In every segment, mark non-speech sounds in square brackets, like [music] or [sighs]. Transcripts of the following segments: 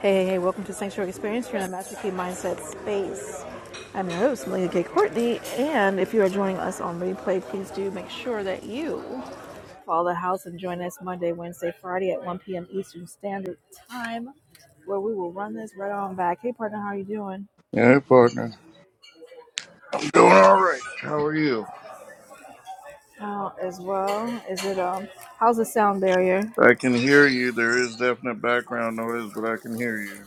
Hey, hey, hey, welcome to Sanctuary Experience. You're in the Master Key Mindset space. I'm your host, Malia K. Courtney, and if you are joining us on replay, please do make sure that you follow the house and join us Monday, Wednesday, Friday at 1 p.m. Eastern Standard Time, where we will run this right on back. Hey, partner, how are you doing? Yeah, partner. I'm doing all right. How are you? How as well? Is it um? How's the sound barrier? I can hear you. There is definite background noise, but I can hear you.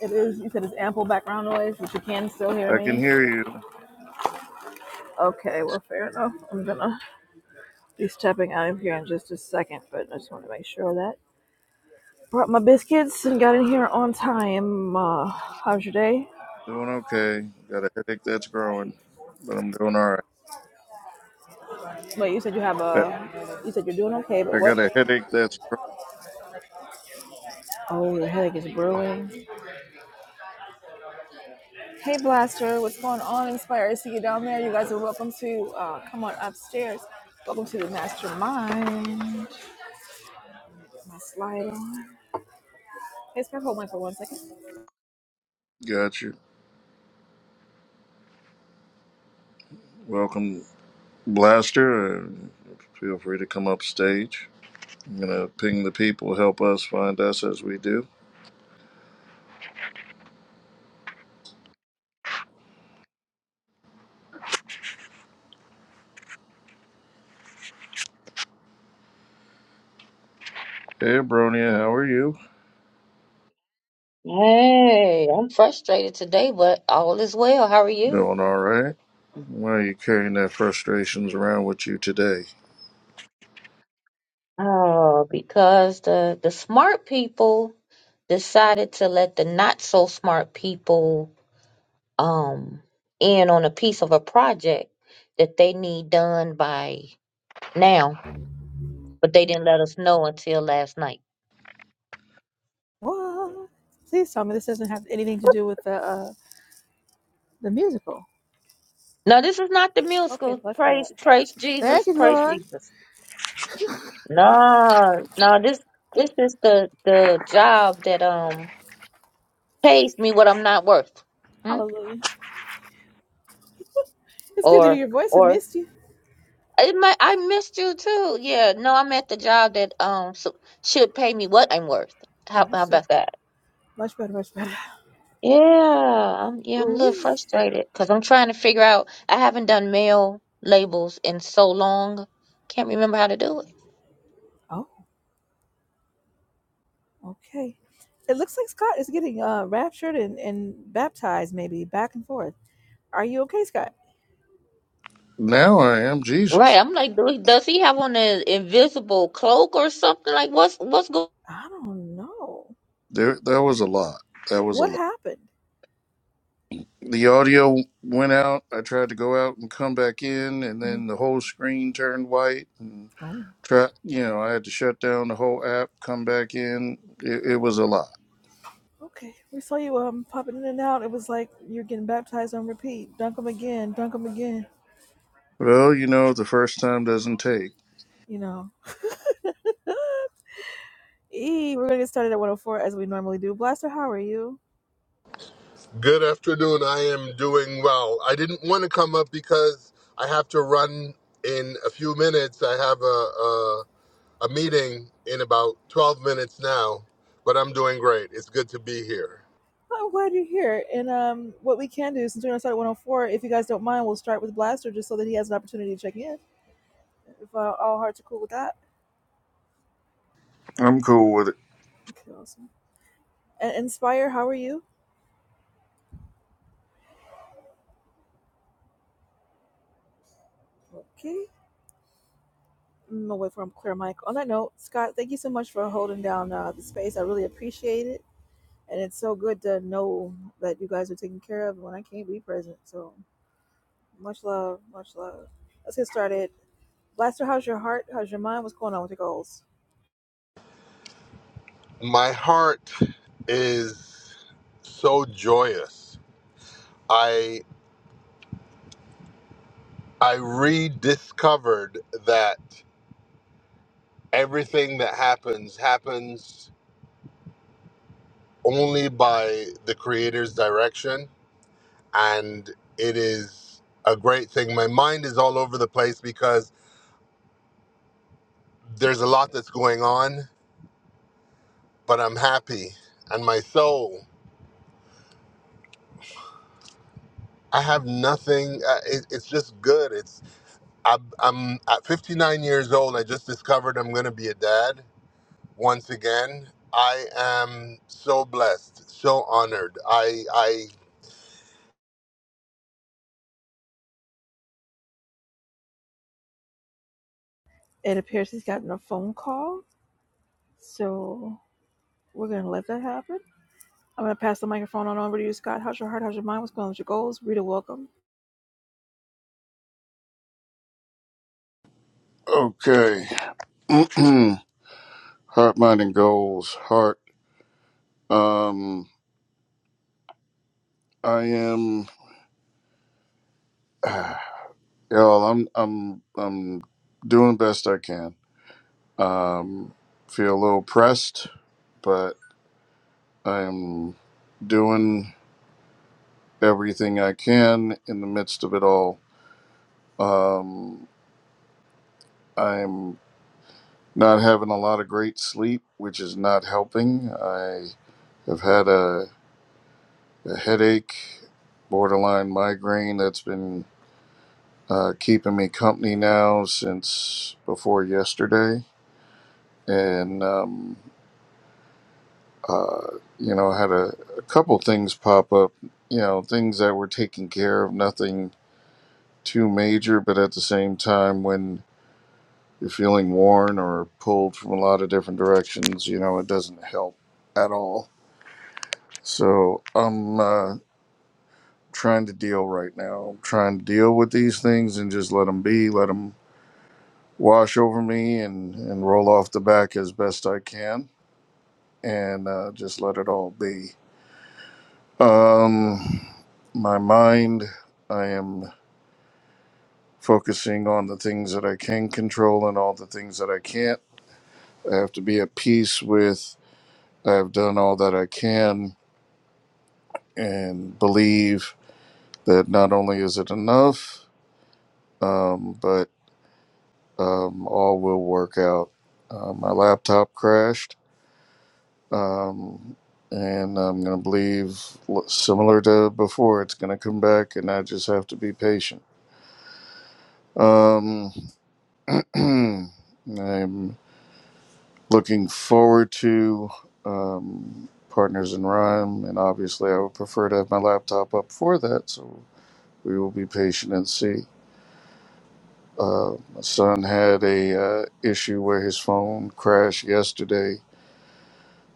It is. You said it's ample background noise, but you can still hear I can me. hear you. Okay, well, fair enough. I'm gonna be stepping out of here in just a second, but I just want to make sure that. Brought my biscuits and got in here on time. Uh, how's your day? Doing okay. Got a headache that's growing, but I'm doing all right. Wait, you said you have I a. You said you're doing okay, but I what? got a headache that's Oh, the headache is brewing. Hey, Blaster, what's going on? Inspire. I see you down there. You guys are welcome to uh, come on upstairs. Welcome to the mastermind. Put My slide on. Hey, Scott, hold on for one second. growing. Got you. Welcome, Blaster. Uh, Feel free to come up stage. I'm gonna ping the people. Help us find us as we do. Hey, Bronia, how are you? Hey, I'm frustrated today, but all is well. How are you? Doing all right. Why are you carrying that frustrations around with you today? Oh, because the the smart people decided to let the not so smart people um in on a piece of a project that they need done by now, but they didn't let us know until last night. What? Please tell me this doesn't have anything to do with the uh, the musical. No, this is not the Okay, musical. bless God. Praise, praise Thank Jesus, you, praise Lord. Jesus. No, no, this this is the the job that um pays me what I'm not worth. Hmm? Hallelujah. It's good to hear Or your voice. I or missed you. it might, I missed you too. Yeah, no, I'm at the job that um so, should pay me what I'm worth. How, how Understood. about that? Much better, much better. Yeah, I'm, yeah, I'm a little Ooh. frustrated because I'm trying to figure out. I haven't done mail labels in so long. Can't remember how to do it. Oh, okay. It looks like Scott is getting uh, raptured and, and baptized, maybe back and forth. Are you okay, Scott? Now I am Right, Jesus. I'm like, do- does he have on an invisible cloak or something? Like, what's what's going? I don't know. There, that was a lot. That was a What lot. happened? The audio went out. I tried to go out and come back in, and hmm then the whole screen turned white. And Oh, try, you know, I had to shut down the whole app, come back in. It, it was a lot. okay. We saw you um popping in and out. It was like you're getting baptized on repeat. Dunk them again, dunk them again. Well, you know, the first time doesn't take. You know. [gasps] [laughs] E, we're gonna get started at 104 as we normally do. Blaster, how are you? Good afternoon. I am doing well. I didn't want to come up because I have to run in a few minutes. I have a a, a meeting in about 12 minutes now, but I'm doing great. It's good to be here. I'm glad you're here. And um, what we can do, since we're going to start at 104, if you guys don't mind, we'll start with Blaster just so that he has an opportunity to check in. If uh, all hearts are cool with that. I'm cool with it. Okay, awesome. And Inspire, how are you? Okay. I'm going to wait for him to clear mic. On that note, Scott, thank you so much for holding down uh, the space. I really appreciate it. And it's so good to know that you guys are taken care of when I can't be present. So much love, much love. Let's get started. Blaster, how's your heart? How's your mind? What's going on with your goals? My heart is so joyous. I I rediscovered that everything that happens happens only by the creator's direction and it is a great thing. My mind is all over the place because there's a lot that's going on, but I'm happy, and my soul. I have nothing. Uh, it, it's just good. It's I, I'm at 59 years old. I just discovered I'm going to be a dad once again. I am so blessed, so honored. I I It appears he's gotten a phone call. So we're gonna let that happen. I'm gonna pass the microphone on over to you, Scott. How's your heart? How's your mind? What's going on with your goals? Rita, welcome. Okay. [clears throat] heart, mind, and goals. Heart. Um, I am. Y'all, I'm. I'm. I'm doing best I can. Um, feel a little pressed, but I'm doing everything I can in the midst of it all. Um, I'm not having a lot of great sleep, which is not helping. I have had a, a headache, borderline migraine that's been uh, keeping me company now since before yesterday. And um, Uh, you know, I had a, a couple things pop up, you know, things that were taken care of, nothing too major, but at the same time, when you're feeling worn or pulled from a lot of different directions, you know, it doesn't help at all. So I'm uh, trying to deal right now. I'm trying to deal with these things and just let them be, let them wash over me and, and roll off the back as best I can and uh, just let it all be Um, my mind, I am focusing on the things that I can control and all the things that I can't. I have to be at peace with I've done all that I can and believe that not only is it enough, um, but um, all will work out. Uh, my laptop crashed, um, and I'm going to believe l- similar to before, it's going to come back, and I just have to be patient. Um, [clears throat] I'm looking forward to um, Partners in Rhyme, and obviously, I would prefer to have my laptop up for that, so we will be patient and see. Uh, my son had a uh, issue where his phone crashed yesterday,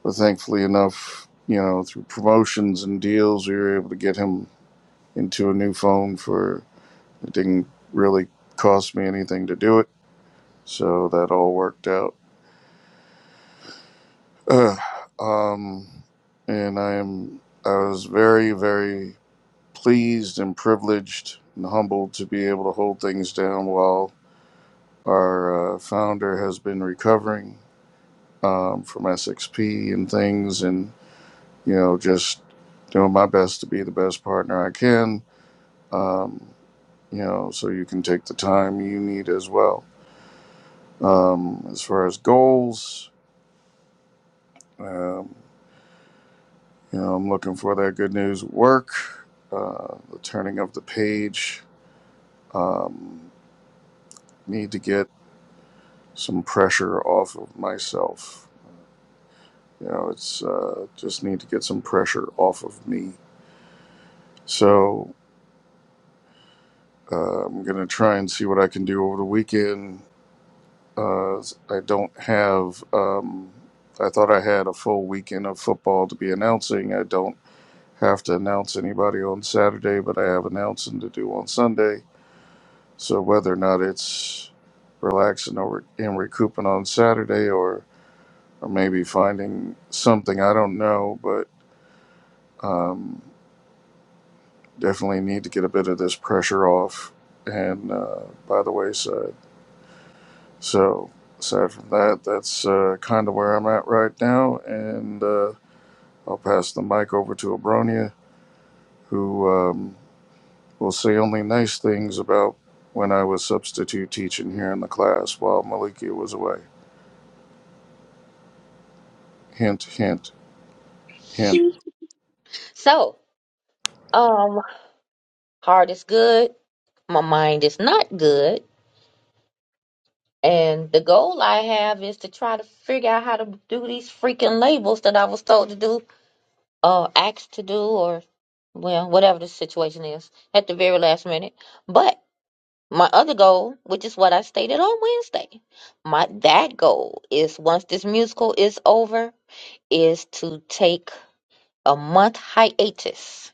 but thankfully enough, you know, through promotions and deals, we were able to get him into a new phone for it didn't really cost me anything to do it, so that all worked out. [clears throat] Uh, um, and I am I was very very pleased and privileged and humbled to be able to hold things down while our uh, founder has been recovering um, from SXP and things, and you know just doing my best to be the best partner I can. Um, you know, so you can take the time you need as well. Um, as far as goals. um, You know, I'm looking for that good news work, uh, the turning of the page. Um, need to get some pressure off of myself. You know, it's uh, just need to get some pressure off of me. So uh, I'm going to try and see what I can do over the weekend. Uh, I don't have, um, I thought I had a full weekend of football to be announcing. I don't have to announce anybody on Saturday, but I have announcing to do on Sunday So whether or not it's relaxing or and recouping on Saturday, or or maybe finding something, I don't know, but um, definitely need to get a bit of this pressure off and uh, by the wayside. So aside from that, that's uh, kind of where I'm at right now, and uh, I'll pass the mic over to Abronia, who um, will say only nice things about when I was substitute teaching here in the class while Malikia was away. Hint, hint. Him. [laughs] So, um, heart is good. My mind is not good And the goal I have is to try to figure out how to do these freaking labels that I was told to do, uh, asked to do, or well, whatever the situation is at the very last minute. But my other goal, which is what I stated on Wednesday, my that goal is once this musical is over, is to take a month hiatus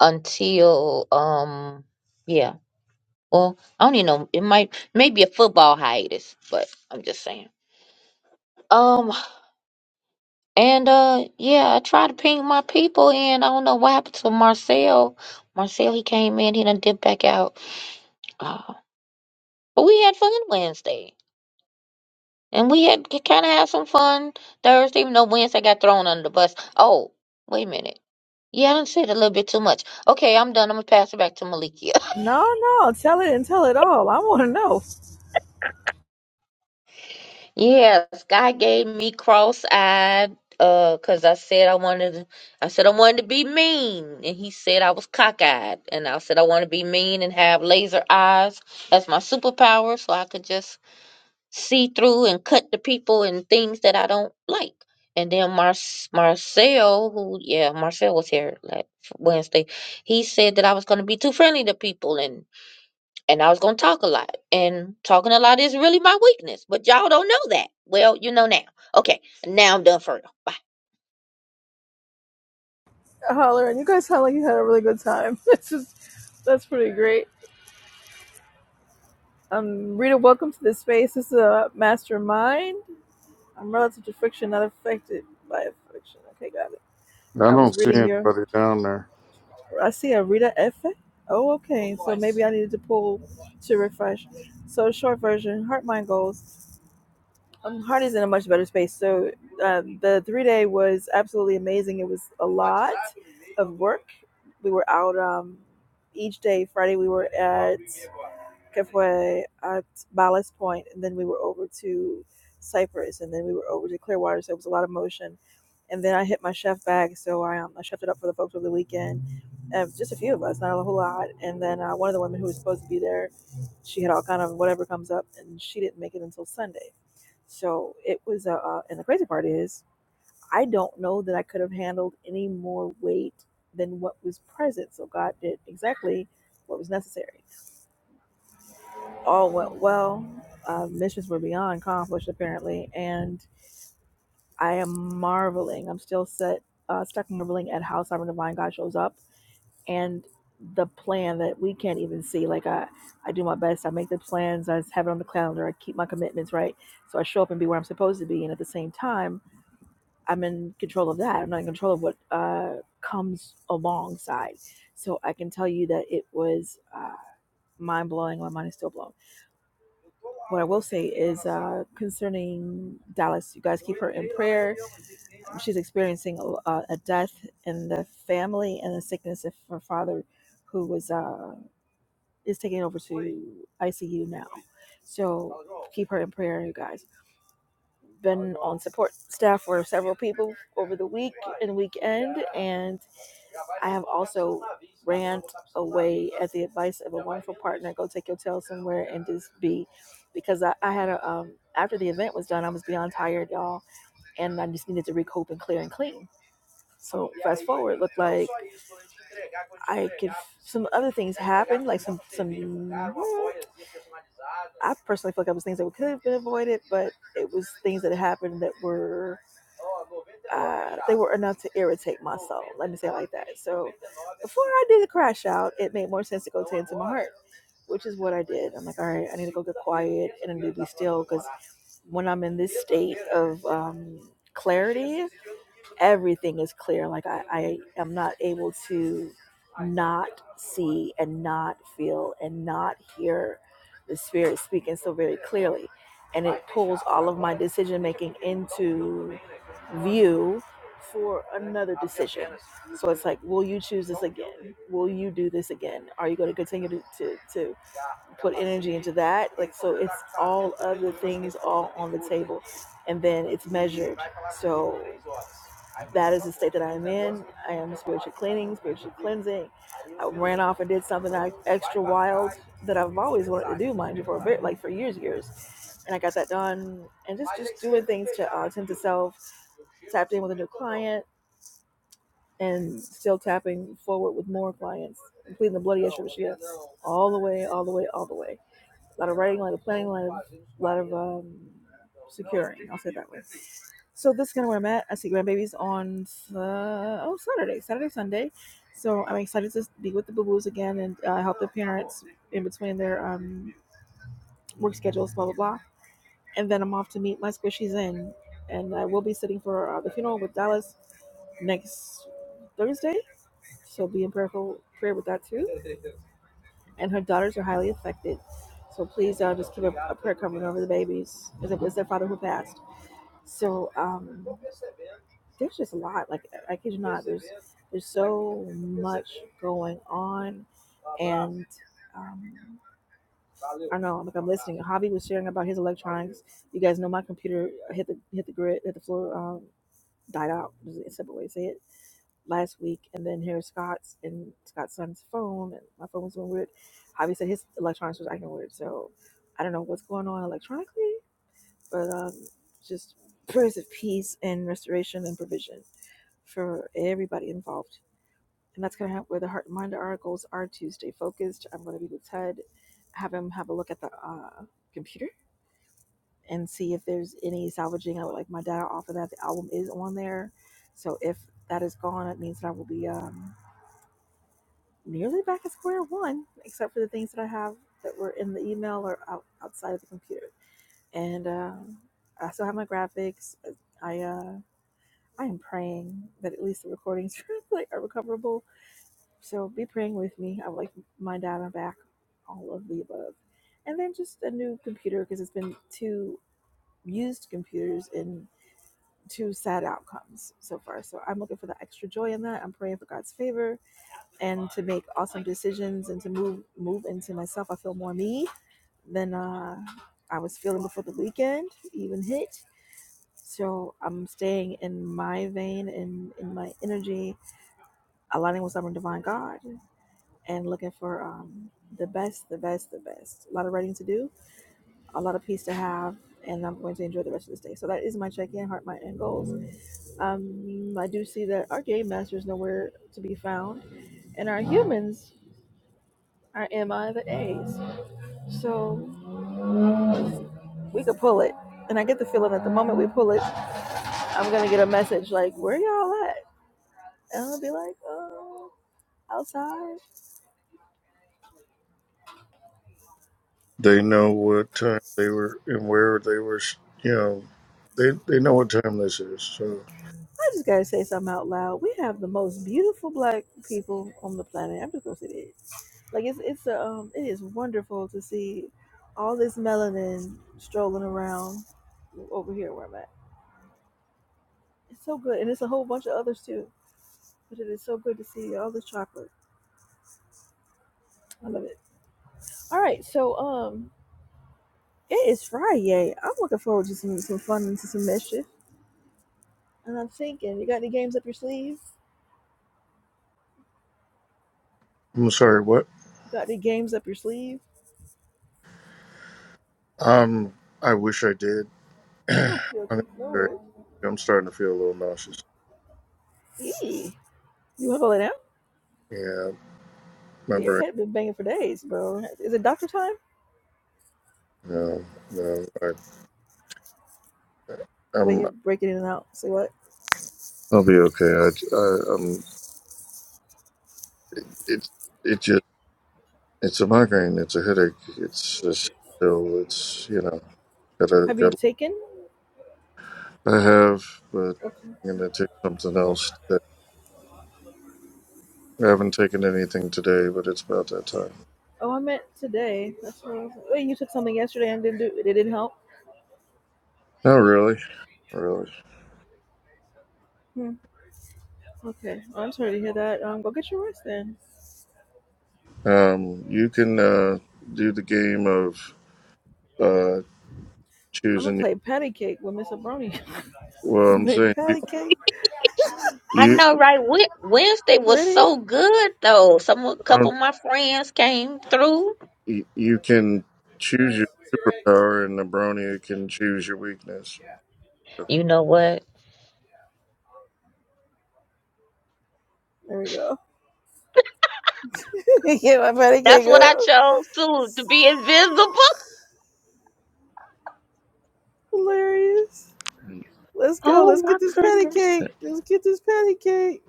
until um yeah. Well, I don't even know. It might maybe a football hiatus, but I'm just saying. Um And uh yeah, I tried to ping my people in. I don't know what happened to Marcel. Marcel, he came in, he done dipped back out. Uh, but we had fun Wednesday. And we had kind of had some fun Thursday, even though Wednesday got thrown under the bus. Oh, wait a minute. Yeah, I done said a little bit too much. Okay, I'm done. I'm going to pass it back to Malikia. [laughs] No, no, tell it and tell it all. I want to know. Yes, God gave me cross-eyed uh 'cause I said I wanted to, I said I wanted to be mean and he said I was cockeyed and I said I want to be mean and have laser eyes as my superpower so I could just see through and cut the people and things that I don't like. And then Mar Marcel, who yeah, Marcel was here like Wednesday. He said that I was going to be too friendly to people and and I was going to talk a lot. And talking a lot is really my weakness, but y'all don't know that. Well, you know now. Okay, now I'm done for real. [laughs] Bye. Holler, and you guys sound like you had a really good time. [laughs] This just that's pretty great. Um, Rita, welcome to this space. This is a mastermind. I'm relative to friction, not affected by friction. Okay, got it. I I was don't see reading your. anybody down there. I see a Rita F. Oh, okay. So maybe I needed to pull to refresh. So short version, heart mind goals. Um, Heart in a much better space. So um, the three day was absolutely amazing. It was a lot of work. We were out um, each day. Friday we were at Cafe at Ballast Point, and then we were over to Cyprus, and then we were over to Clearwater. So it was a lot of motion. And then I hit my chef bag, so I, um, I chefed it up for the folks over the weekend. Um, just a few of us, not a whole lot. And then uh, one of the women who was supposed to be there, she had all kind of whatever comes up, and she didn't make it until Sunday. So it was, uh, uh, and the crazy part is, I don't know that I could have handled any more weight than what was present. So God did exactly what was necessary all went well. Uh, missions were beyond accomplished, apparently, and I am marveling. I'm still set, uh, stuck marveling at how Sovereign Divine God shows up and the plan that we can't even see. Like I, I do my best. I make the plans. I have it on the calendar. I keep my commitments right, so I show up and be where I'm supposed to be. And at the same time, I'm in control of that. I'm not in control of what uh, comes alongside. So I can tell you that it was uh, mind blowing. My mind is still blown What I will say is uh, concerning Dallas, you guys keep her in prayer. She's experiencing a, uh, a death in the family and the sickness of her father, who was uh, is taking over to ICU now. So keep her in prayer, you guys been on support staff for several people over the week and weekend, and I have also rant away at the advice of a wonderful partner, go take your tail somewhere and just be, because I, I had a um after the event was done, I was beyond tired, y'all, and I just needed to recoup and clear and clean. So fast forward, looked like I could. Some other things happened, like some some. I personally feel like it was things that could have been avoided, but it was things that happened that were. Uh, they were enough to irritate my soul. Let me say it like that. So, before I did the crash out, it made more sense to go tend to my heart which is what I did. I'm like, all right, I need to go get quiet and I need to be still because when I'm in this state of um, clarity, everything is clear. Like I, I am not able to not see and not feel and not hear the spirit speaking so very clearly. And it pulls all of my decision making into view for another decision. So it's like, will you choose this again? Will you do this again? Are you going to continue to, to, to put energy into that. Like so it's all of the things all on the table. And then it's measured. So that is the state that I'm in. I am spiritual cleaning, spiritual cleansing. I ran off and did something extra wild that I've always wanted to do, mind you, for a bit, like for years, years. And I got that done, and just just doing things to uh, tend to self, tapped in with a new client, and still tapping forward with more clients, completing the bloody issue of shit all the way, all the way, all the way a lot of writing, a lot of planning, a lot of, a lot of um, securing. I'll say it that way. So this is kind of where I'm at. I see grandbabies on uh, oh Saturday, Saturday, Sunday. So I'm excited to be with the boo boos again and uh, help the parents in between their um, work schedules, blah blah blah. And then I'm off to meet my squishies in, and I will be sitting for uh, the funeral with Dallas next Thursday. So be in prayerful prayer with that too and her daughters are highly affected. So please uh, just keep a, a prayer covering over the babies. As it was their father who passed. So um, there's just a lot. Like I kid you not, there's there's so much going on, and um, I don't know. Like I'm listening. Javi was sharing about his electronics. You guys know my computer hit the hit the grid, hit the floor, um, died out. Is a simple way to say it last week, and then here's Scott's and Scott's son's phone, and my phone was going weird. Javi said his electronics was acting weird, so I don't know what's going on electronically, but um, just prayers of peace and restoration and provision for everybody involved. And that's kind of where the heart and mind our goals are to stay focused. I'm going to be with Ted, have him have a look at the uh, computer and see if there's any salvaging. I would like my data off of that. The album is on there, so if that is gone, it means that I will be. Um, nearly back at square one, except for the things that I have that were in the email or out, outside of the computer. And um, I still have my graphics. I uh, I am praying that at least the recordings [laughs] are recoverable. So be praying with me. I would like my data back, all of the above, and then just a new computer because it's been two used computers and two sad outcomes so far. So I'm looking for the extra joy in that. I'm praying for God's favor and to make awesome decisions and to move move into myself. I feel more me than uh, I was feeling before the weekend even hit. So I'm staying in my vein and in my energy, aligning with sovereign divine God, and looking for um, the best, the best, the best. A lot of writing to do, a lot of peace to have, and I'm going to enjoy the rest of this day. So that is my check-in, heart, mind, and goals. Um, I do see that our game master is nowhere to be found, and our humans are MI the A's. So we could pull it. And I get the feeling that the moment we pull it, I'm gonna get a message like, Where y'all at? And I'll be like, Oh, outside. They know what time they were and where they were. s- You know, they they know what time this is. So I just gotta say something out loud. We have the most beautiful black people on the planet. I'm just gonna say that. Like it's it's a, um it is wonderful to see all this melanin strolling around over here where I'm at. It's so good. And it's a whole bunch of others too. But it is so good to see all this chocolate. I love it. All right, so um It is Friday. I'm looking forward to some, some fun and to some mischief. And I'm thinking, you got any games up your sleeve? I'm sorry. What? You got any games up your sleeve? Um, I wish I did. [clears throat] I'm Okay, gonna okay, no be very- worries. I'm starting to feel a little nauseous. Eee. You wanna go lay down? Yeah, Yeah, your remember? head been banging for days, bro. Is it doctor time? No, no. I, Wait, I'm. you're breaking in and out. Say what? I'll be okay. I, I, I'm. It. It just. It's a migraine. It's a headache. It's just. So it's. You know. Have gotta you taken? I have, but Okay. I'm gonna take something else today. I haven't taken anything today, but it's about that time. Oh, I meant today. That's what I was. Wait, you took something yesterday and didn't do it. It didn't help. Oh, really? not Really? Hmm. Okay. Well, I'm sorry to hear that. Um, go get your rest then. Um, you can uh, do the game of uh, I'm gonna choosing. your- play patty cake with Miss Abroni. Well, [laughs] I'm okay, saying you, patty cake. I you, know, right? Wed- Wednesday was Ready? so good, though. Some a couple um, of my friends came through. you you can choose your superpower, and the brony can choose your weakness. You know what? There we go. [laughs] yeah, my patty That's cake what I up. chose to to be invisible. Hilarious. Let's go. Oh Let's my get this patty goodness! cake. Let's get this patty cake.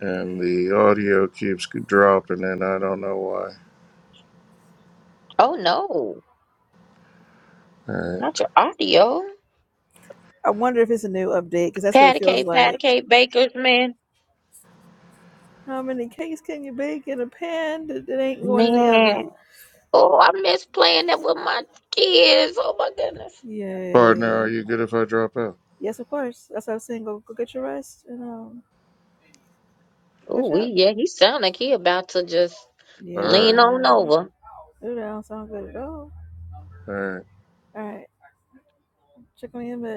And the audio keeps dropping, and I don't know why. Oh no, All right, not your audio. I wonder if it's a new update because that's what it Patty feels cake, patty like. cake, bakers, man, How many cakes can you bake in a pan that, that ain't going to the oven? man. Oh, I miss playing that with my kids. Oh my goodness. partner, are Yay. you good if I drop out? Yes, of course. That's what I was saying. Go, go get your rest and um, Oh, catch up. we yeah, he sound like he about to just All right, lean on Yeah. over. Ooh, that don't sound good at all. all right. All right. Check on you in a bit.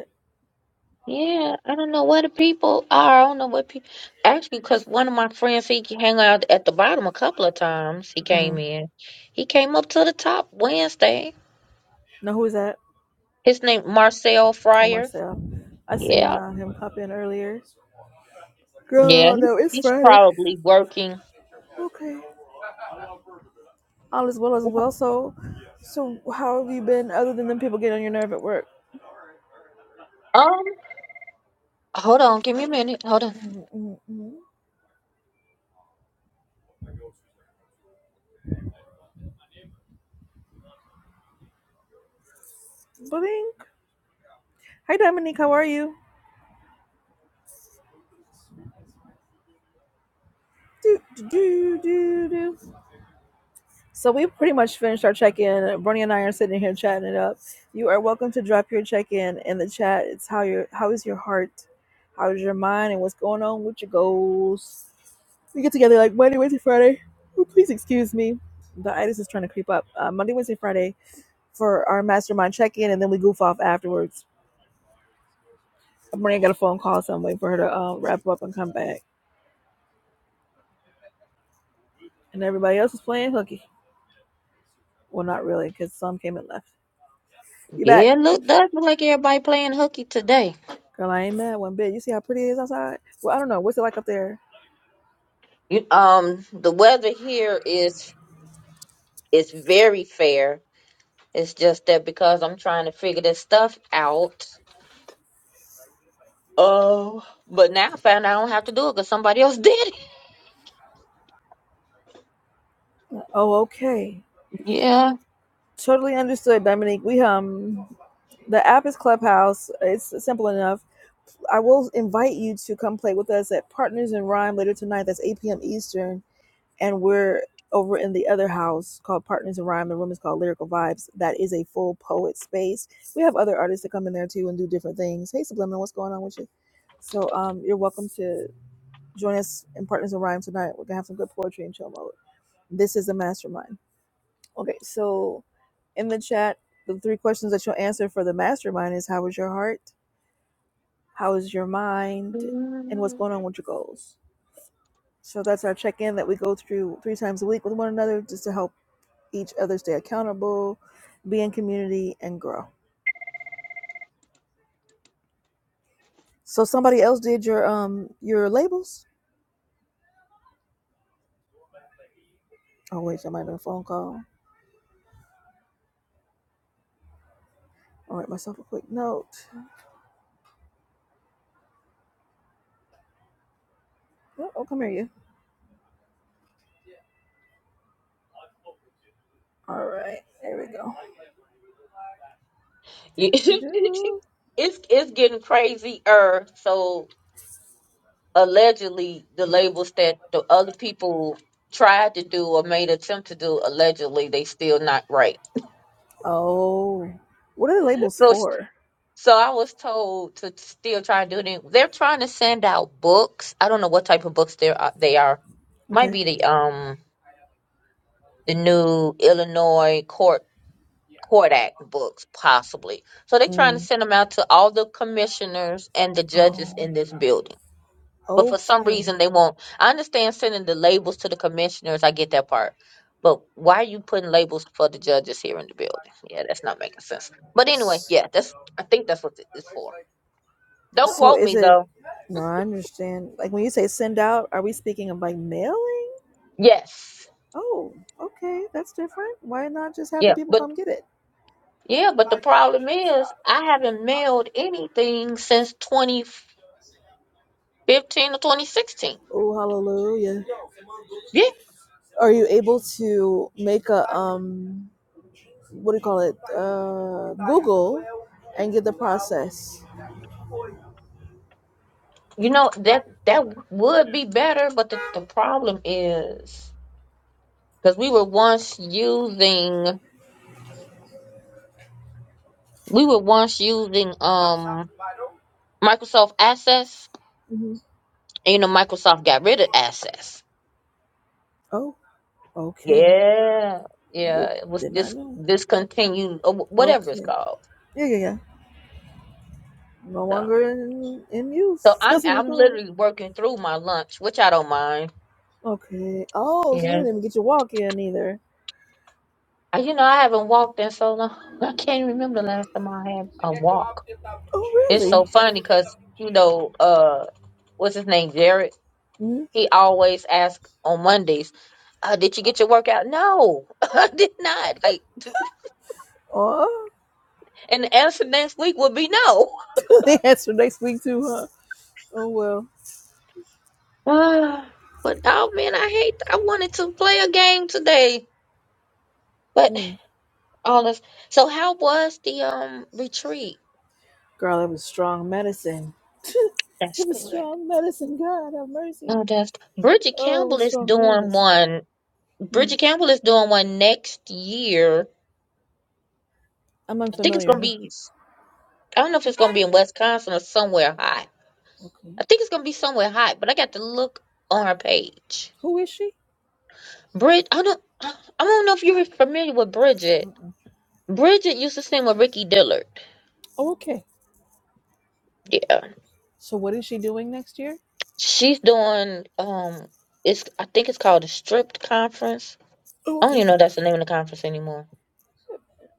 Yeah, I don't know where the people are. I don't know what people actually because one of my friends he can hang out at the bottom a couple of times. He hmm came in. He came up to the top Wednesday. Now who is that? His name Marcel Oh, Fryer. Marcel. I seen Yeah, uh, him pop in earlier. yeah, Girl, he- no, it's he's Friday. probably working. Okay. All is well as well. So, so how have you been other than them people getting on your nerve at work? Um, hold on, give me a minute. Hold on. Mm-hmm, mm-hmm. Bling. Hi, Dominique. How are you? Do do do do. do. So we pretty much finished our check-in. Bernie and I are sitting here chatting it up. You are welcome to drop your check-in in the chat. It's how your how is your heart, how is your mind, and what's going on with your goals. We get together like Monday, Wednesday, Friday. Oh, please excuse me, the itis is trying to creep up. Uh, Monday, Wednesday, Friday for our mastermind check-in, and then we goof off afterwards. Bernie got a phone call, so I'm waiting for her to uh, wrap up and come back. And everybody else is playing hooky. Well, not really, because some came and left. You back? Yeah, look, does look like everybody playing hooky today. Girl, I ain't mad one bit. You see how pretty it is outside? Well, I don't know. What's it like up there? You, um, the weather here is is very fair It's just that because I'm trying to figure this stuff out. Oh, but now I found I don't have to do it because somebody else [laughs] did it. Oh, okay. Yeah. Totally understood, Dominique. We um the app is Clubhouse. It's simple enough. I will invite you to come play with us at Partners in Rhyme later tonight. That's 8 p.m. Eastern. And we're over in the other house called Partners in Rhyme. The room is called Lyrical Vibes. That is a full poet space. We have other artists that come in there too and do different things. Hey Subliminal, what's going on with you? So um you're welcome to. Join us in Partners in Rhyme tonight. We're gonna have some good poetry and chill mode. This is a mastermind. Okay, so in the chat, the three questions that you'll answer for the mastermind is how is your heart, how is your mind, and what's Mm. going on with your goals. So that's our check-in that we go through three times a week with one another just to help each other stay accountable, be in community, and grow. So somebody else did your um your labels. Oh wait, that might have been a phone call. I'll write myself a quick note. Oh, oh come here you. All right, there we go. [laughs] Do, it's do, do. it's getting crazier. So allegedly, the labels that the other people tried to do or made attempt to do, allegedly, they still not right. Oh, what are the labels So for? so I was told to still try and do it. They're trying to send out books. I don't know what type of books they are. They are might Okay. be the um. the new Illinois court court act books possibly. So they're trying to Mm. send them out to all the commissioners and the judges Oh, in this building. But for some okay. reason they won't. I understand sending the labels to the commissioners. I get that part. But why are you putting labels for the judges here in the building? Yeah, that's not making sense. But anyway, yeah, that's I think that's what it's for. Don't So quote me is it? though. No, I understand. Like when you say send out, are we speaking of like mailing? Yes. Oh, okay, that's different. Why not just have Yeah. the people But come get it? yeah, but the problem is I haven't mailed anything since 2015. 15 to 2016. Oh, hallelujah. Yeah, Are you able to make a um? What do you call it? Uh, Google and get the process. you know that that would be better, but the, the problem is because we were once using we were once using um Microsoft Access, hmm and you know Microsoft got rid of Access. Oh, okay. Yeah, yeah, Nope, it was did not dis know. discontinued or wh- whatever it's Okay. called. Yeah, yeah, yeah. No So, longer in, in so use. [laughs] I'm That's what we I'm call literally working through my lunch, which I don't mind. Okay. Oh, so you Yeah, didn't even get your walk in either. I, you know I haven't walked in so long. [laughs] I can't remember the last time I had a walk. Oh, It's so really? funny because you know, uh, what's his name, Jared? Hmm? He always asks on Mondays, uh, "Did you get your workout?" No, [laughs] I did not. Like, [laughs] Oh, and the answer next week would be no. [sighs] [laughs] they answer next week too, huh? Oh, well. Ah, but oh man, I hate. I wanted to play a game today, but Mm. all this. So, how was the um retreat? Girl, that was strong medicine. [laughs] it That's was good. strong medicine. God have mercy. Oh, that's Bridget Oh, it Campbell was is strong doing medicine. one. Mm. Bridget Campbell is doing one next year. I'm I think it's unfamiliar. gonna Who- be. I don't know if who- it's gonna be in Wisconsin or somewhere hot. Okay. I think it's gonna be somewhere hot, but I got to look on her page. Who is she? Brid, I don't, I don't know if you're familiar with Bridget. Mm-mm. Bridget used to sing with Ricky Dillard. Oh, okay. Yeah, So what is she doing next year? she's doing um, it's I think it's called the Stripped Conference. Oh, I don't okay. even know if that's the name of the conference anymore.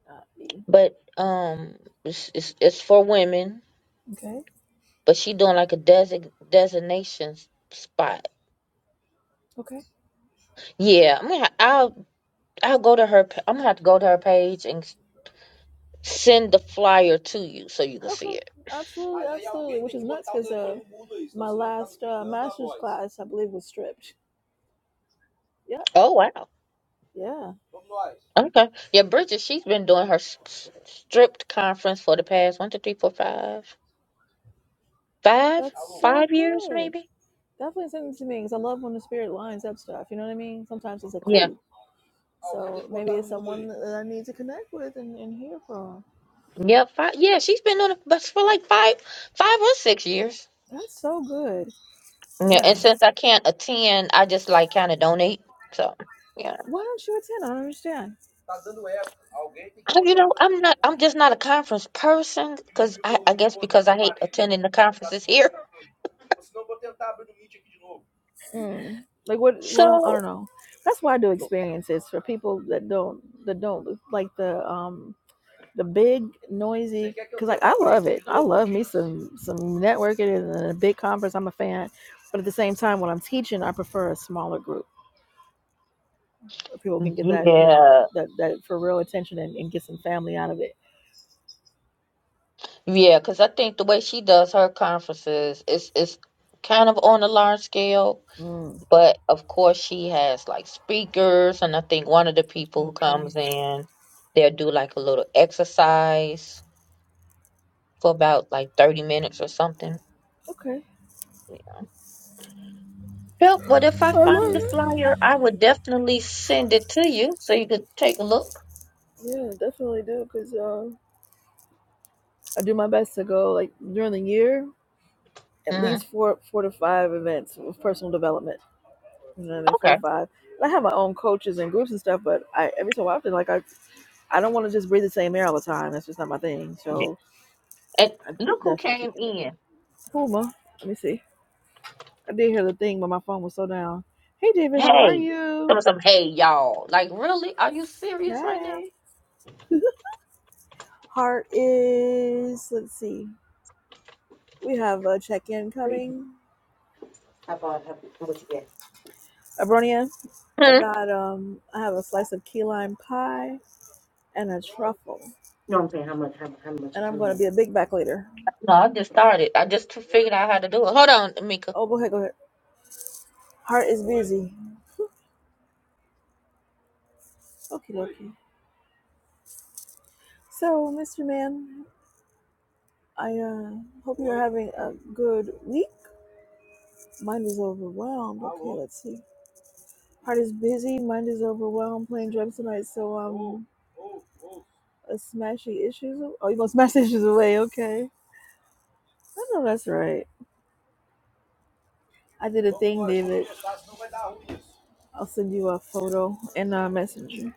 Uh, E. But um, it's it's, it's for women, okay. but she doing like a desig designation spot. Okay. Yeah, I'm gonna, ha- I'll I'll go to her. pa- I'm gonna have to go to her page and send the flyer to you so you can see Okay. it. Absolutely. Absolutely. Which is nuts because uh, my last uh, master's class, I believe, was stripped. Yep. Oh wow. Yeah. Okay. Yeah, Bridget, she's been doing her s- s- stripped conference for the past one, two, three, four, five, five, That's so five years good. maybe. Definitely send it to me because I love when the spirit lines up stuff. You know what I mean? Sometimes it's a Yeah. clue. So maybe it's someone that I need to connect with and, and hear from. Yeah. Five. Yeah, she's been doing it, but for like five, five or six years. That's so good. Yeah, Yeah. and since I can't attend, I just like kind of donate. So yeah, Why don't you attend? I don't understand. I- you know, I'm not, I'm just not a conference person because I, I guess because I hate attending the conferences here. [laughs] Mm. Like what? Well, I So don't know. That's why I do experiences for people that don't that don't like the um the big noisy because like I love it. I love me some some networking and a big conference. I'm a fan, but at the same time, when I'm teaching, I prefer a smaller group where people can get that you know yeah. that that for real attention and, and get some family out of it. Yeah, because I think the way she does her conferences is is kind of on a large scale, Mm. but of course she has like speakers, and I think one of the people who Okay. comes in, they'll do like a little exercise for about like 30 minutes or something. Okay. Yep, but if I I love find the it. flyer, I would definitely send it to you so you could take a look. Yeah, definitely do because uh, I do my best to go like during the year. at hmm least four four to five events with personal development. You know what I mean? Four to Okay. five. And I have my own coaches and groups and stuff, but I every so often like I I don't want to just breathe the same air all the time. That's just not my thing. Yeah. So And I look who definitely came took another. in. Puma. Let me see. I did hear the thing, but my phone was so down. Hey David, how are Hey, some you? some hey y'all. Like really? Are you serious right Hi. now? [laughs] Heart is let's see. We have a check in coming. Abronia. I Hmm? got um I have a slice of key lime pie and a truffle. and I'm going to be a big back later. No, I just started. I just figured out how to do it. Hold on, Mika. Oh, go ahead, go ahead. Heart is busy. Okay, okay. So, Mr. Man, I uh, hope you're having a good week. Mind is overwhelmed. Okay, let's see. Heart is busy. Mind is overwhelmed. Playing drums tonight, so um, a smash issues. Oh, you gonna smash the issues away? Okay. I know that's right. I did a thing, David. I'll send you a photo in a messenger.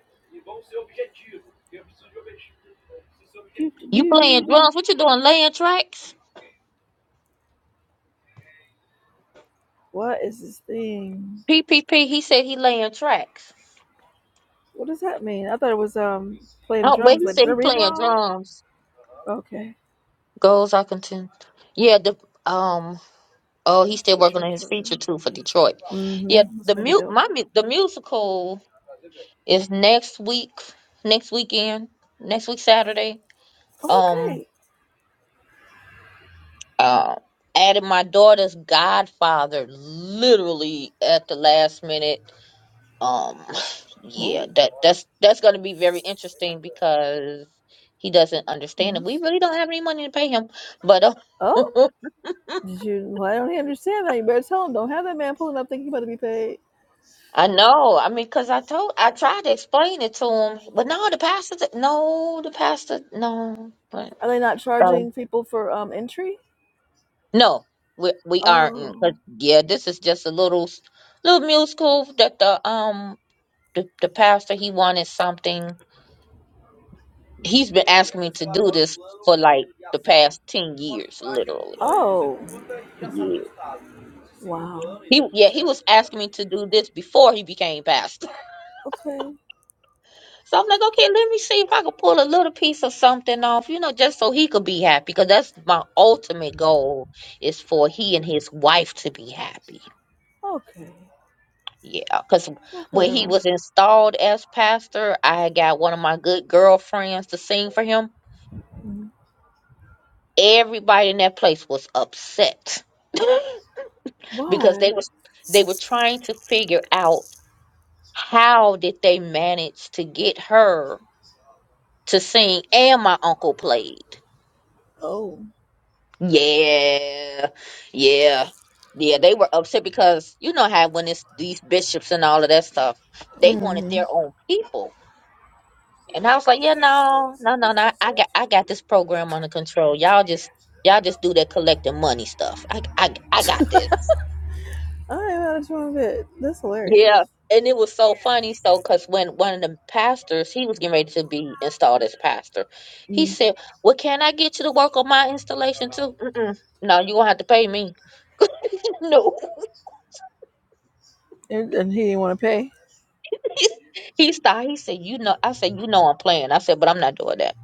Do, do, You playing do. drums? What you doing? Laying tracks? What is this thing? P P P. He said he laying tracks. What does that mean? I thought it was um playing Oh, wait. drums. he Like, said did I he read playing wrong? drums. Okay. Goals I contend. Yeah. The um. Oh, he's still working Feature on his feature too for Detroit. Yeah. Mm-hmm. That's The gonna be mu dope. My mu- the musical is next week. Next weekend. Next week Saturday. Oh, Um. okay. Uh. Added my daughter's godfather literally at the last minute um [sighs] [laughs] yeah Oh. that that's that's going to be very interesting because he doesn't understand it. we Nice. really don't have any money to pay him but uh, Oh. [laughs] Did you? Well, I don't understand that. You better tell him. Don't have that man pulling up thinking he's about to be paid. i know i mean because i told i tried to explain it to him but no the pastor th- no the pastor no but Are they not um, charging people for um entry? no we we aren't 'cause, Oh. yeah this is just a little s- little musical that the um the, the pastor he wanted something he's been asking me to do this for like the past 10 years literally Oh. Yeah. Wow. He yeah, he was asking me to do this before he became pastor. [laughs] Okay. So I'm like, okay, let me see if I could pull a little piece of something off, you know, just so he could be happy. Because that's my ultimate goal is for he and his wife to be happy. Okay. Yeah. Because Well, when fair he enough. was installed as pastor, I had got one of my good girlfriends to sing for him. Mm. Everybody in that place was upset because Why? they was they were trying to figure out how did they manage to get her to sing, and my uncle played. Oh. Yeah, yeah, yeah. They were upset because you know how when it's these bishops and all of that stuff, they wanted Mm-hmm. their own people, and I was like, yeah, no, no, no, no. I got, I got this program under control. Y'all just, y'all just do that collecting money stuff. I, I, I got this. I am out of tune with it. That's hilarious. Yeah, and it was so funny. So, because when one of the pastors, he was getting ready to be installed as pastor, he Mm. said, "Well, can I get you to work on my installation too?" Mm-mm. No, you gonna have to pay me. [laughs] no, And, and he didn't want to pay. [laughs] he stopped. He said, "You know," I said, "You know, I'm playing." I said, "But I'm not doing that."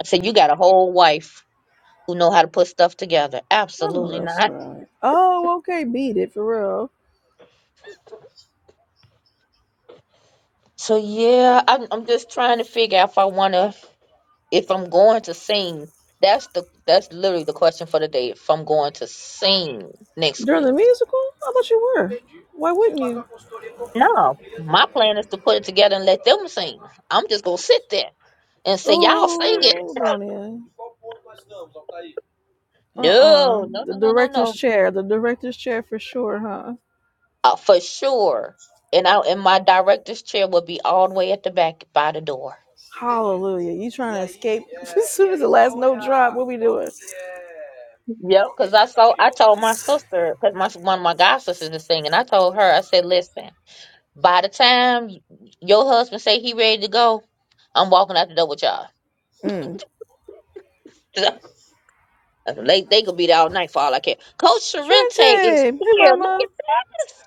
I said, "You got a whole wife who know how to put stuff together." I know Absolutely that's not. right. Oh, okay, beat it for real. So yeah, I'm I'm just trying to figure out if I want to. if I'm going to sing, that's the that's literally the question for the day. If I'm going to sing next During the week, musical, I thought you were. Why wouldn't you? no, my plan is to put it together and let them sing. I'm just gonna sit there and say, "Y'all sing it." Ooh, Bronya. Uh-uh. No, no, The no, no, no, director's no, chair. The director's chair for sure, huh? uh, for sure. And I and my director's chair will be all the way at the back by the door. Hallelujah. You trying to escape [laughs] as soon as the last note drop. What we doing? Yep, because I saw I told my sister because my one of my god sisters is singing. I told her I said, "Listen." By the time your husband say he ready to go, I'm walking out the door with y'all. Mm. [laughs] they they could be there all night for all I care. Coach Shrente. Sorrente is Hey, here. Look at mama. this.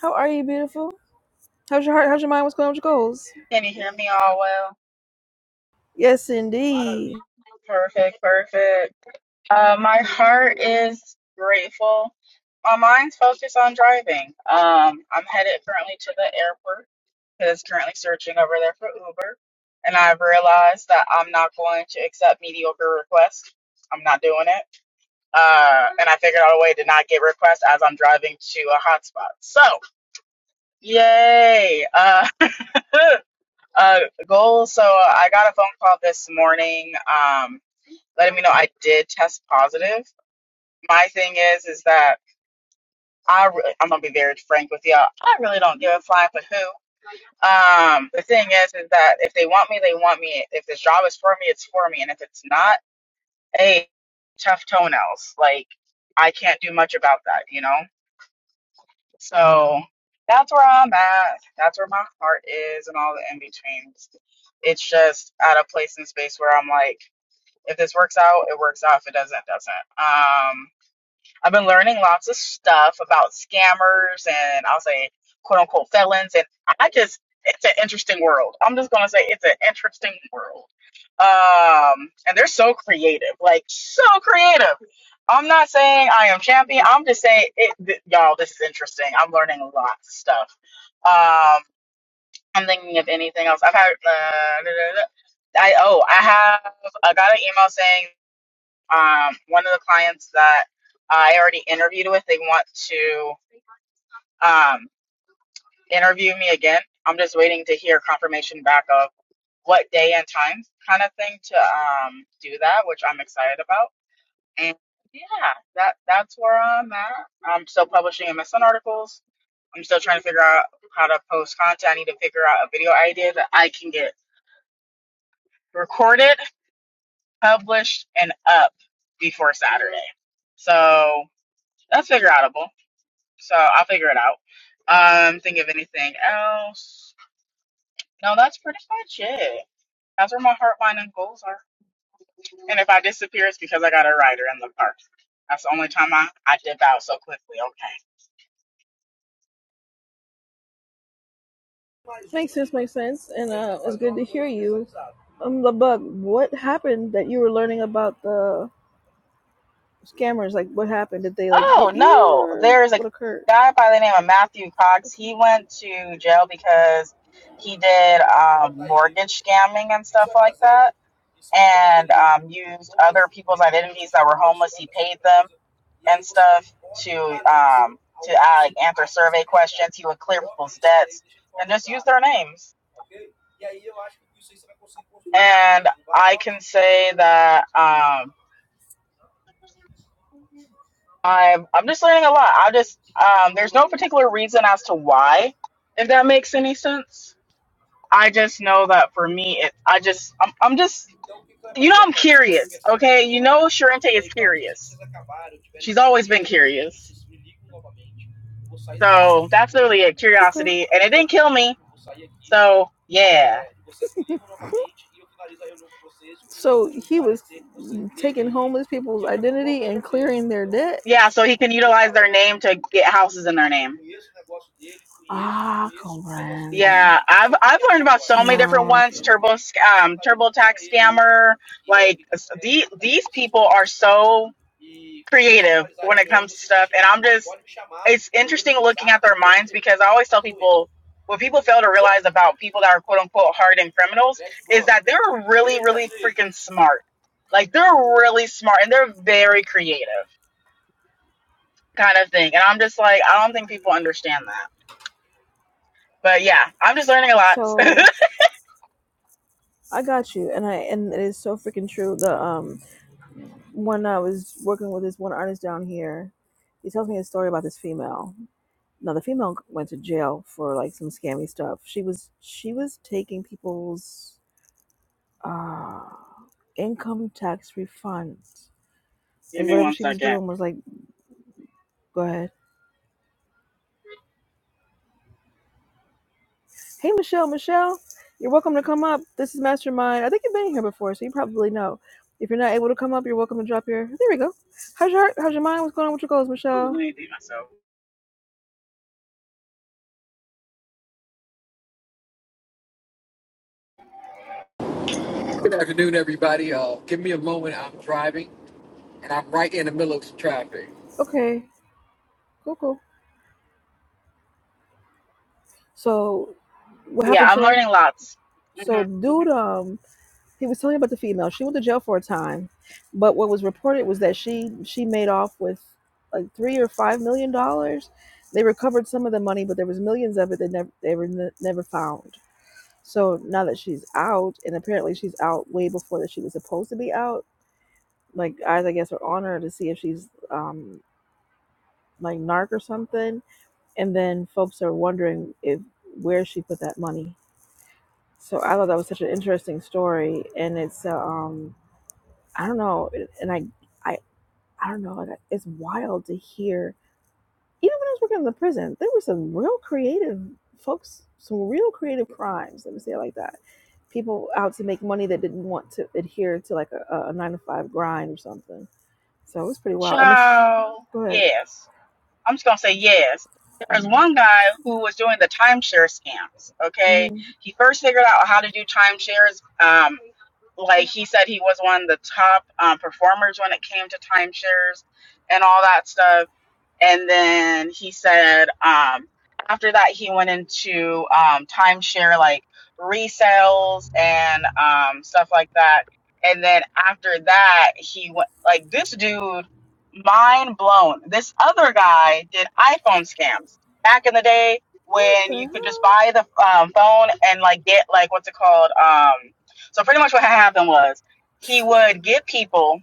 How are you, beautiful? How's your heart? How's your mind? What's going on with your goals? Can you hear me all well? Yes, indeed. Perfect, perfect. Uh, my heart is grateful. My mind's focused on driving. Um, I'm headed currently to the airport because currently searching over there for Uber. And I've realized that I'm not going to accept mediocre requests. I'm not doing it. Uh, and I figured out a way to not get requests as I'm driving to a hotspot. So, yay! Uh, [laughs] uh, goal. So I got a phone call this morning. Um, letting me know I did test positive. My thing is, is that I re- I'm gonna be very frank with y'all. I really don't give a flying but who. Um, the thing is, is that if they want me, they want me. If this job is for me, it's for me, and if it's not, hey, tough toenails. Like I can't do much about that, you know. So that's where I'm at. That's where my heart is, and all the in betweens. It's just at a place in space where I'm like, if this works out, it works out. If it doesn't, it doesn't. Um. I've been learning lots of stuff about scammers and I'll say quote unquote felons. And I just, it's an interesting world. I'm just going to say it's an interesting world. Um, and they're so creative, like so creative. I'm not saying I am champion. I'm just saying it, th- y'all, this is interesting. I'm learning lots of stuff. Um, I'm thinking of anything else. I've had, uh, I, oh, I have, I got an email saying um, one of the clients that I already interviewed with, they want to um, interview me again. I'm just waiting to hear confirmation back of what day and time kind of thing to um, do that, which I'm excited about. And yeah, that that's where I'm at. I'm still publishing MSN articles. I'm still trying to figure out how to post content. I need to figure out a video idea that I can get recorded, published, and up before Saturday. So that's figure outable. So I'll figure it out. Um, think of anything else? No, that's pretty much it. That's where my heartline and goals are. And if I disappear, it's because I got a rider in the park. That's the only time I, I dip out so quickly. Okay. Makes sense. Makes sense. And uh, it's good to hear you. Um, the bug. What happened that you were learning about the scammers? Like, what happened? Did they like Oh get you, no, or there's a what occurred? guy by the name of Matthew Cox. Okay. He went to jail because he did um, mortgage scamming and stuff like that, and um, used other people's identities that were homeless. He paid them and stuff to um to uh, like answer survey questions. He would clear people's debts and just use their names. And I can say that um I'm I'm just learning a lot. I just um there's no particular reason as to why, if that makes any sense. I just know that for me it I just I'm I'm just you know I'm curious, okay? You know Sharente is curious. She's always been curious. So that's literally it, Okay. [laughs] curiosity. And it didn't kill me. So yeah. So he was taking homeless people's identity and clearing their debt. Yeah, so he can utilize their name to get houses in their name. conheço o negócio dele, conheço, Ah, conheço compreende. Yeah, I've I've learned about so many different Now I ones. get it. Turbo sc- um TurboTax scammer, like these these people are so creative when it comes to stuff, and I'm just it's interesting looking at their minds because I always tell people what people fail to realize about people that are quote unquote hardened criminals is that they're really really freaking smart. Like they're really smart and they're very creative kind of thing, and I'm just like I don't think people understand that. But yeah, I'm just learning a lot. So [laughs] I got you, and I and it is so freaking true. The um when I was working with this one artist down here, he tells me a story about this female. Now the female went to jail for like some scammy stuff. She was she was taking people's uh income tax refunds. Give Like me whatever one she was second. doing was like go ahead. Hey, Michelle, Michelle, you're welcome to come up. This is Mastermind. I think you've been here before, so you probably know. If you're not able to come up, you're welcome to drop your. There we go. How's your heart? How's your mind? What's going on with your goals, Ooh, let Michelle? me beat myself. Good afternoon, everybody. Uh, give me a moment. I'm driving, and I'm right in the middle of some traffic. Okay, cool, cool. So, what Yeah, happened, I'm Sharon? learning lots. hmm So, hmm dude, um, he was telling you about the female. She went to jail for a time, but what was reported was that she she made off with like three or five million dollars. They recovered some of the money, but there was millions of it that never they were ne- never found So now that she's out, and apparently she's out way before that she was supposed to be out, like eyes, I guess, are on her to see if she's um, like narc or something. And then folks are wondering if where she put that money. So I thought that was such an interesting story, and it's uh, um, I don't know, and I I I don't know, and it's wild to hear even when I was working in the prison, there were some real creative folks, some real creative crimes. Let me say it like that. People out to make money that didn't want to adhere to like a, a nine to five grind or something. So it was pretty wild. I'm a sh- Ciao. go ahead. Yes. I'm just gonna say yes. Yeah. There's one guy who was doing the timeshare scams. Okay, hmm he first figured out how to do timeshares. Um, like he said, he was one of the top um, performers when it came to timeshares and all that stuff And then he said, um, after that, he went into um, timeshare like resales and um, stuff like that. And then after that, he went like this dude, mind blown. This other guy did iPhone scams back in the day What when the you could just hell? buy the um, phone and like get like what's it called? Um, so pretty much what happened was he would get people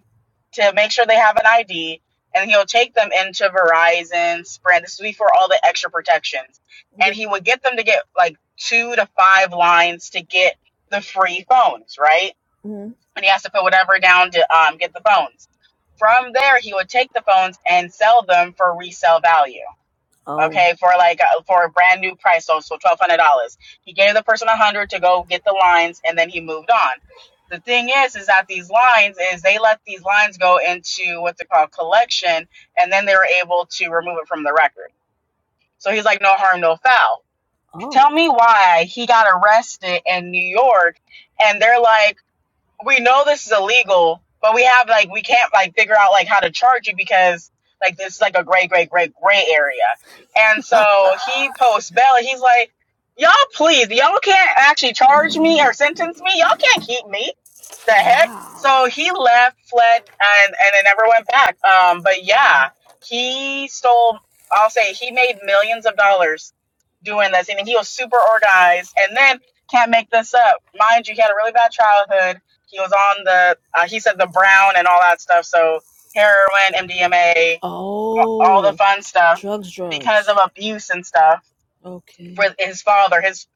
to make sure they have an ID and he'll take them into Verizon, Sprint. This is before all the extra protections. And Okay. he would get them to get like two to five lines to get the free phones, right? Mhm. And he has to put whatever down to um, get the phones. From there, he would take the phones and sell them for resale value Oh, okay, for like uh, for a brand new price, so so twelve hundred dollars. He gave the person a hundred to go get the lines, and then he moved on. The thing is, is that these lines is they let these lines go into what they call collection, and then they were able to remove it from the record. So he's like, no harm, no foul. Tell oh, me why he got arrested in New York, and they're like we know this is illegal, but we have like we can't like figure out like how to charge you because like this is like a gray, gray, gray, gray area. And so he posts bail. and He's like, y'all, please, y'all can't actually charge me or sentence me. Y'all can't keep me. The heck. wow, So he left, fled, and and it never went back. Um, but yeah, wow. he stole. I'll say he made millions of dollars doing this. I mean, he was super organized. And then can't make this up. Mind you, he had a really bad childhood he was on the uh, he said the brown and all that stuff so heroin mdma all the Oh, fun stuff drugs, because of drugs. abuse and stuff Okay, with his father his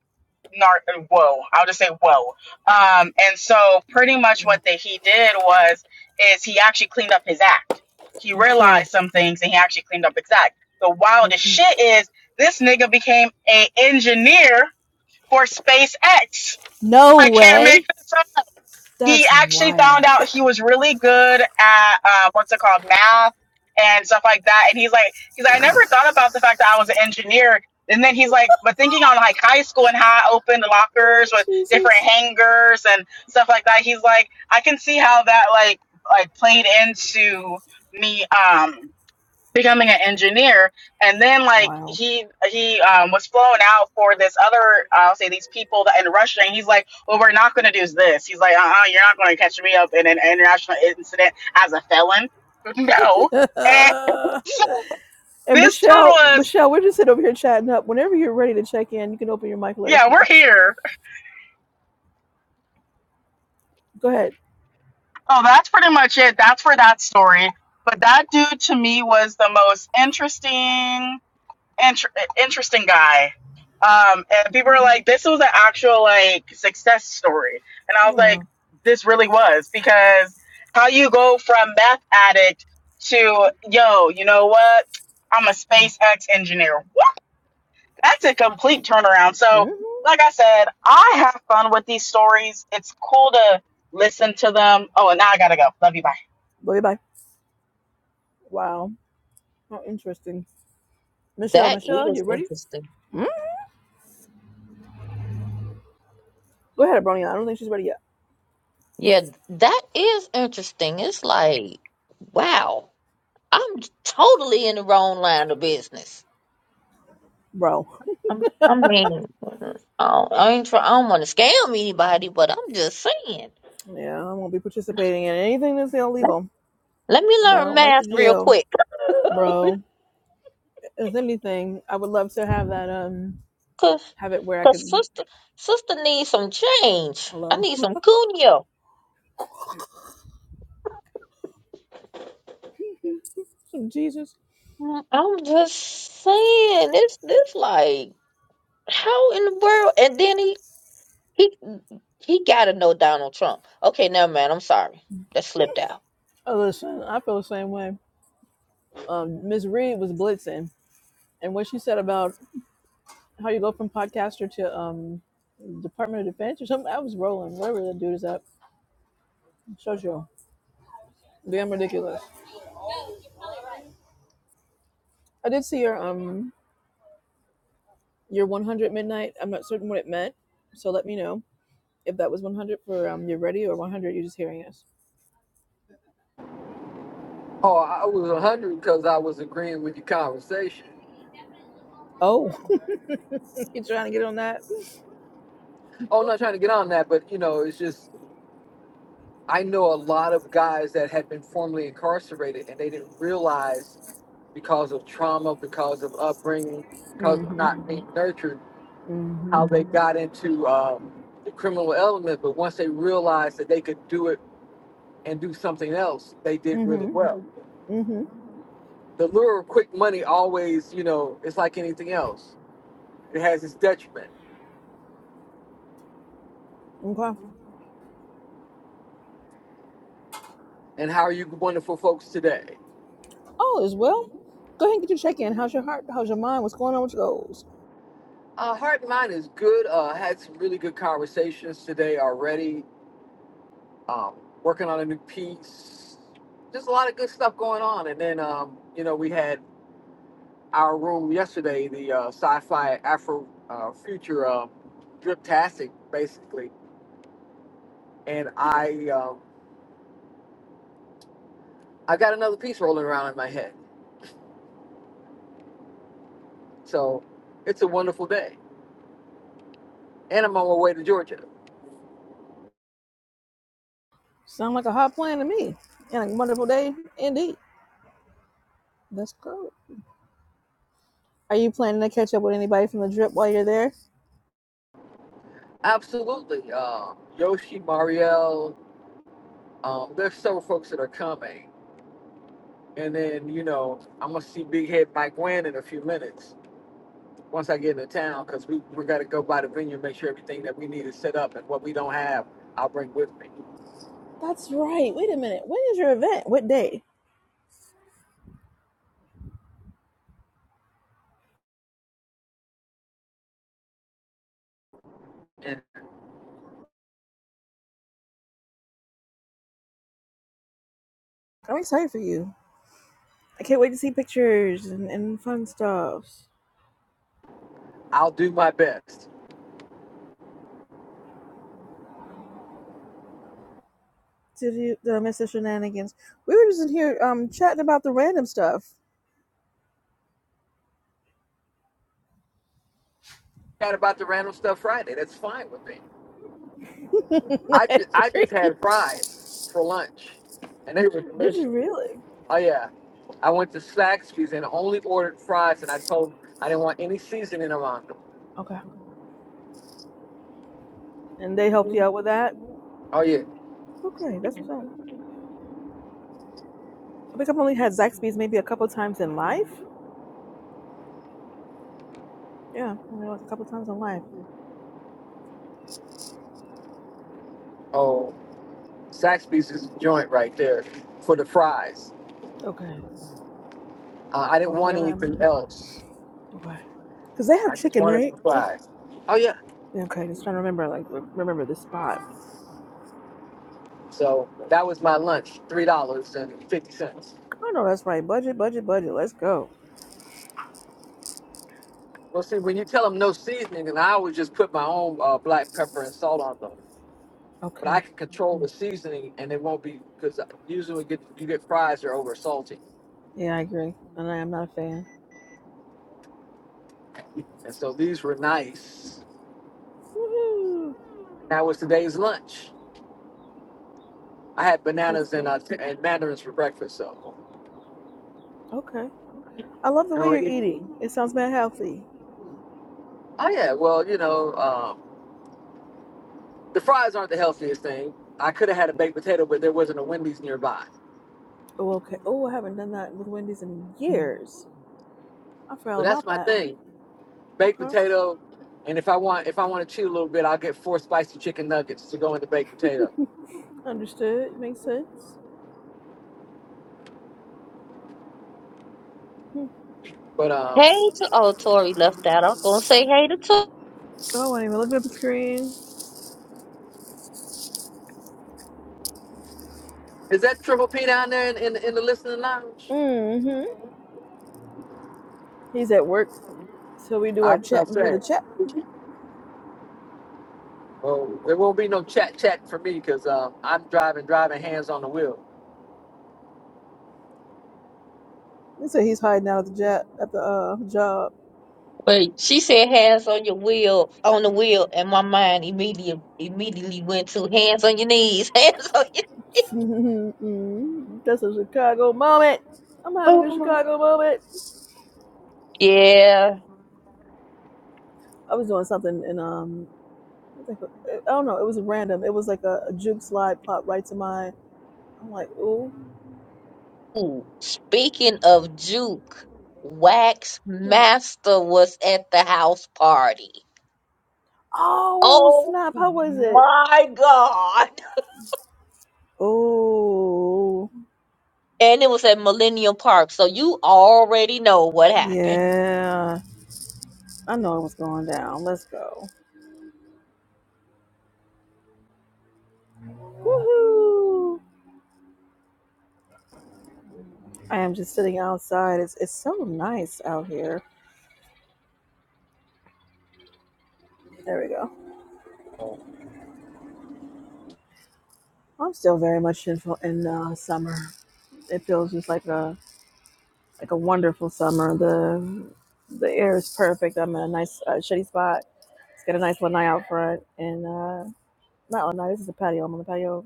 nar- whoa i'll just say whoa um and so pretty much what Mm. that he did was is he actually cleaned up his act he okay, realized some things and he actually cleaned up his act the wildest okay. shit is this nigga became a engineer for spacex No i can't make way. this up he That's actually found wild. out he was really good at uh, what's it called math and stuff like that and he's like he's like i never thought about the fact that i was an engineer and then he's like but thinking on like high school and how i opened lockers Oh, with different Jesus. hangers and stuff like that he's like i can see how that like like played into me um becoming an engineer and then like Wild. he he um, was flown out for this other uh, i'll say these people that in russia and he's like well we're not going to do this he's like uh-uh you're not going to catch me up in an international incident as a felon [laughs] no [laughs] and and this dude Michelle, was Michelle, we're just sitting over here chatting up. Whenever you're ready to check in, you can open your mic. and Let us yeah we're know. here Go ahead. oh that's pretty much it that's for that story but that dude to me was the most interesting inter- interesting guy. Um, and people were like, this was an actual like success story. And I was like, Wow. this really was because how you go from meth addict to yo, you know what? I'm a hmm SpaceX engineer. What? That's a complete turnaround. So, like I said, I have fun with these stories. It's cool to listen to them. Oh, and now I gotta go. Love you. Bye. Bye bye. Wow. How interesting. Michelle, That Michelle, is you ready? interesting. Hmm? Go ahead, Abronia. I don't think she's ready yet, Yeah, that is interesting. It's like, wow, I'm totally in the wrong line of business. bro. I'm, I mean, I, don't- I ain't try, I don't want to scam anybody, but I'm just saying. Yeah, I won't be participating in anything that's Let, illegal let me because I learn don't like the math real jail, quick. [laughs] bro. If anything, I would love to have that um Cause, have it where I cause could sister, sister needs some change. I hello. [laughs] need some cuneo. Jesus. Mm, I'm just saying, this, this like, how in the world? And then he, he, he gotta know Donald Trump. Okay, never mind. I'm sorry, that slipped out. Oh, listen, I feel the same way. um, Ms. Reed was blitzing, and what she said about how you go from podcaster to um, Department of Defense or something, I was rolling. Whatever that dude is up, shows you damn ridiculous. I did see your um your 100 midnight. I'm not certain what it meant, so let me know if that was 100 for um you're ready or 100 you're just hearing us. Oh, I was 100 because I was agreeing with your conversation. Oh, [laughs] you trying to get on that? Oh, I'm not trying to get on that, but you know, it's just I know a lot of guys that had been formerly incarcerated, and they didn't realize because of trauma, because of upbringing, because of Mm-hmm. not being nurtured, Mm-hmm. how they got into um, the criminal element. But once they realized that they could do it and do something else, they did really Mm-hmm. well. Mm-hmm. the lure of quick money always, you know, it's like anything else. It has its detriment. Okay. And how are you wonderful folks today? All is well. Go ahead and get your check in. How's your heart? How's your mind? What's going on with your goals? Uh, Heart and Mind is good. Uh, had some really good conversations today already. Um, working on a new piece. Just a lot of good stuff going on. And then, um, you know, we had our room yesterday, the uh, sci-fi Afro uh, future uh, driptastic, basically. And I, um, I got another piece rolling around in my head. So it's a wonderful day. and I'm on my way to Georgia. Sound like a hot plan to me. And a wonderful day indeed. That's good. Are you planning to catch up with anybody from the drip while you're there? Absolutely. Um, Yoshi, Marielle, um, there's several folks that are coming. And then, you know, I'm going to see Big Head Mike Wynn in a few minutes once I get into town because we, we got to go by the venue and make sure everything that we need is set up. And what we don't have, I'll bring with me. That's right. Wait a minute. When is your event? What day? And I'm excited for you. I can't wait to see pictures and, and fun stuff. I'll do my best. Did you did I miss the shenanigans? We were just in here um chatting about the random stuff. Chat about the random stuff Friday. That's fine with me. [laughs] I I, ju- I just agree. had fries for lunch. And they were Did delicious. you really? Oh, yeah. I went to Saxby's and only ordered fries, and I told I didn't want any seasoning around them. Okay. And they helped you out with that? Oh yeah, Okay, that's what's up. I think I've only had Zaxby's maybe a couple times in life. Yeah, I know like a couple times in life. oh Saxby's is a joint right there for the fries. Okay. Uh, I didn't Oh, want where am anything I? else. What? Because they have I just chicken, wanted right? the fries. Oh yeah. Yeah, Okay, just trying to remember, like, remember the spot. So that was my lunch, three dollars and fifty cents. Oh, no, that's right. Budget, budget, budget. Let's go. Well, see, when you tell them no seasoning, and I always just put my own uh, black pepper and salt on them, but I Okay. can control the seasoning, and it won't be because usually we get you get fries that are over salty, Yeah, I agree. And I am not a fan. and so these were nice Woohoo! That was today's lunch. I had Guess bananas and, so. uh, t- and mandarins for breakfast. So, Okay. I love the and way we're you're eating. It sounds bad healthy. oh yeah, well you know um, the fries aren't the healthiest thing. I could have had a baked potato, but there wasn't a Wendy's nearby. Oh, okay. Oh, I haven't done that with Wendy's in years. I forgot But that's about my that. thing, baked Okay. potato. And if I want if I want to cheat a little bit, I'll get four spicy chicken nuggets to go in the baked potato. Understood. Makes sense. Hmm. But um, Hey to oh, Tori left out. I was gonna say hey to Tori. Oh, I didn't even look at the screen. is that Triple P down there in, in, in the listening lounge? Mm-hmm. He's at work, so we do I our was gonna chatting through the say. chat Well, there won't be no chat chat for me because um, I'm driving, driving hands on the wheel. They say he's hiding out at the job. At the uh, job. But she said hands on your wheel, on the wheel, and my mind immediately immediately went to hands on your knees, [laughs] hands on your [laughs] That's a Chicago moment. I'm having a Ooh. Chicago moment. Yeah. I was doing something and um, I don't know. It was random. It was like a, a juke slide pop right to my. I'm like, ooh, Ooh. Speaking of Juke, Wax hmm. Master was at the house party. oh Oh snap! How was it? my God. Oh And it was at Millennium Park, so you already know what happened. yeah, I know it was going down. Let's go. Woohoo! I am just sitting outside. It's it's so nice out here. There we go. I'm still very much in in uh, summer. It feels just like a like a wonderful summer. The the air is perfect. I'm in a nice uh, shitty spot. It's got a nice lanai out front, and uh, not lanai. This is a patio. I'm on the patio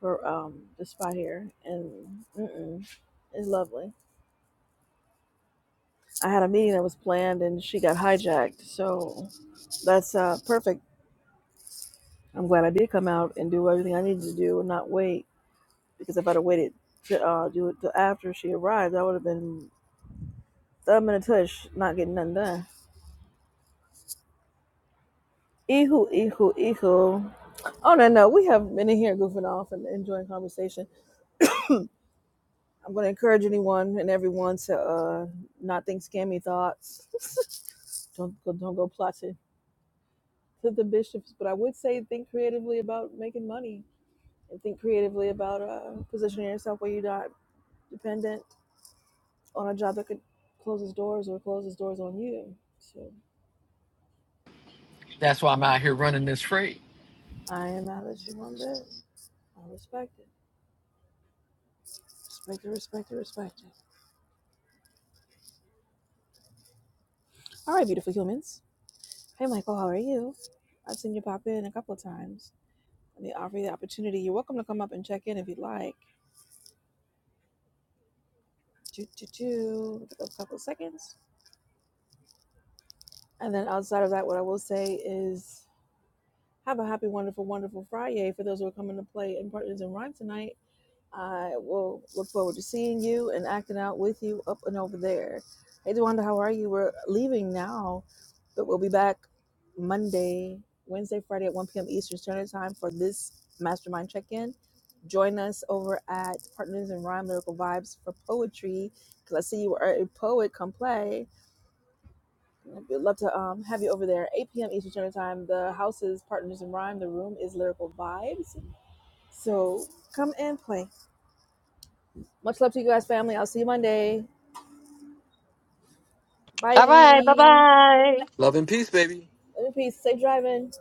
for um this spot here, and mm-mm, it's lovely. I had a meeting that was planned, and she got hijacked. So that's uh perfect. I'm glad I did come out and do everything I needed to do and not wait because if I'd have waited to uh, do it till after she arrived, I would have been Thumb in a tush, not getting nothing done. Eho, eho, eho. Oh no, no, we have been in here goofing off and enjoying conversation. I'm going to encourage anyone and everyone to uh, not think scammy thoughts. [laughs] don't go, don't go plotting to the bishops. But I would say think creatively about making money and think creatively about uh, positioning yourself where you're not dependent on a job that could close its doors or close its doors on you. So That's why I'm out here running this free. I am mad at you on that. I respect it. Respect it, respect it, respect it. All right, beautiful humans. Hey, Michael, how are you? I've seen you pop in a couple of times. Let me offer you the opportunity. You're welcome to come up and check in if you'd like. Do, do, do. Give it a couple of seconds. And then outside of that, what I will say is have a happy, wonderful, wonderful Friday for those who are coming to play in Partners in Rhyme tonight. I will look forward to seeing you and acting out with you up and over there. Hey, DeWanda, how are you? We're leaving now, but we'll be back Monday, Wednesday, Friday at 1 p.m. Eastern Standard Time for this mastermind check in. Join us over at Partners in Rhyme Lyrical Vibes for poetry because I see you are a poet. Come play. We'd love to um, have you over there. 8 p.m. Eastern Standard Time. The house is Partners in Rhyme. The room is Lyrical Vibes. So come and play. Much love to you guys, family. I'll see you Monday. Bye. All right, bye bye. Love and peace, baby. Love and peace. Safe driving.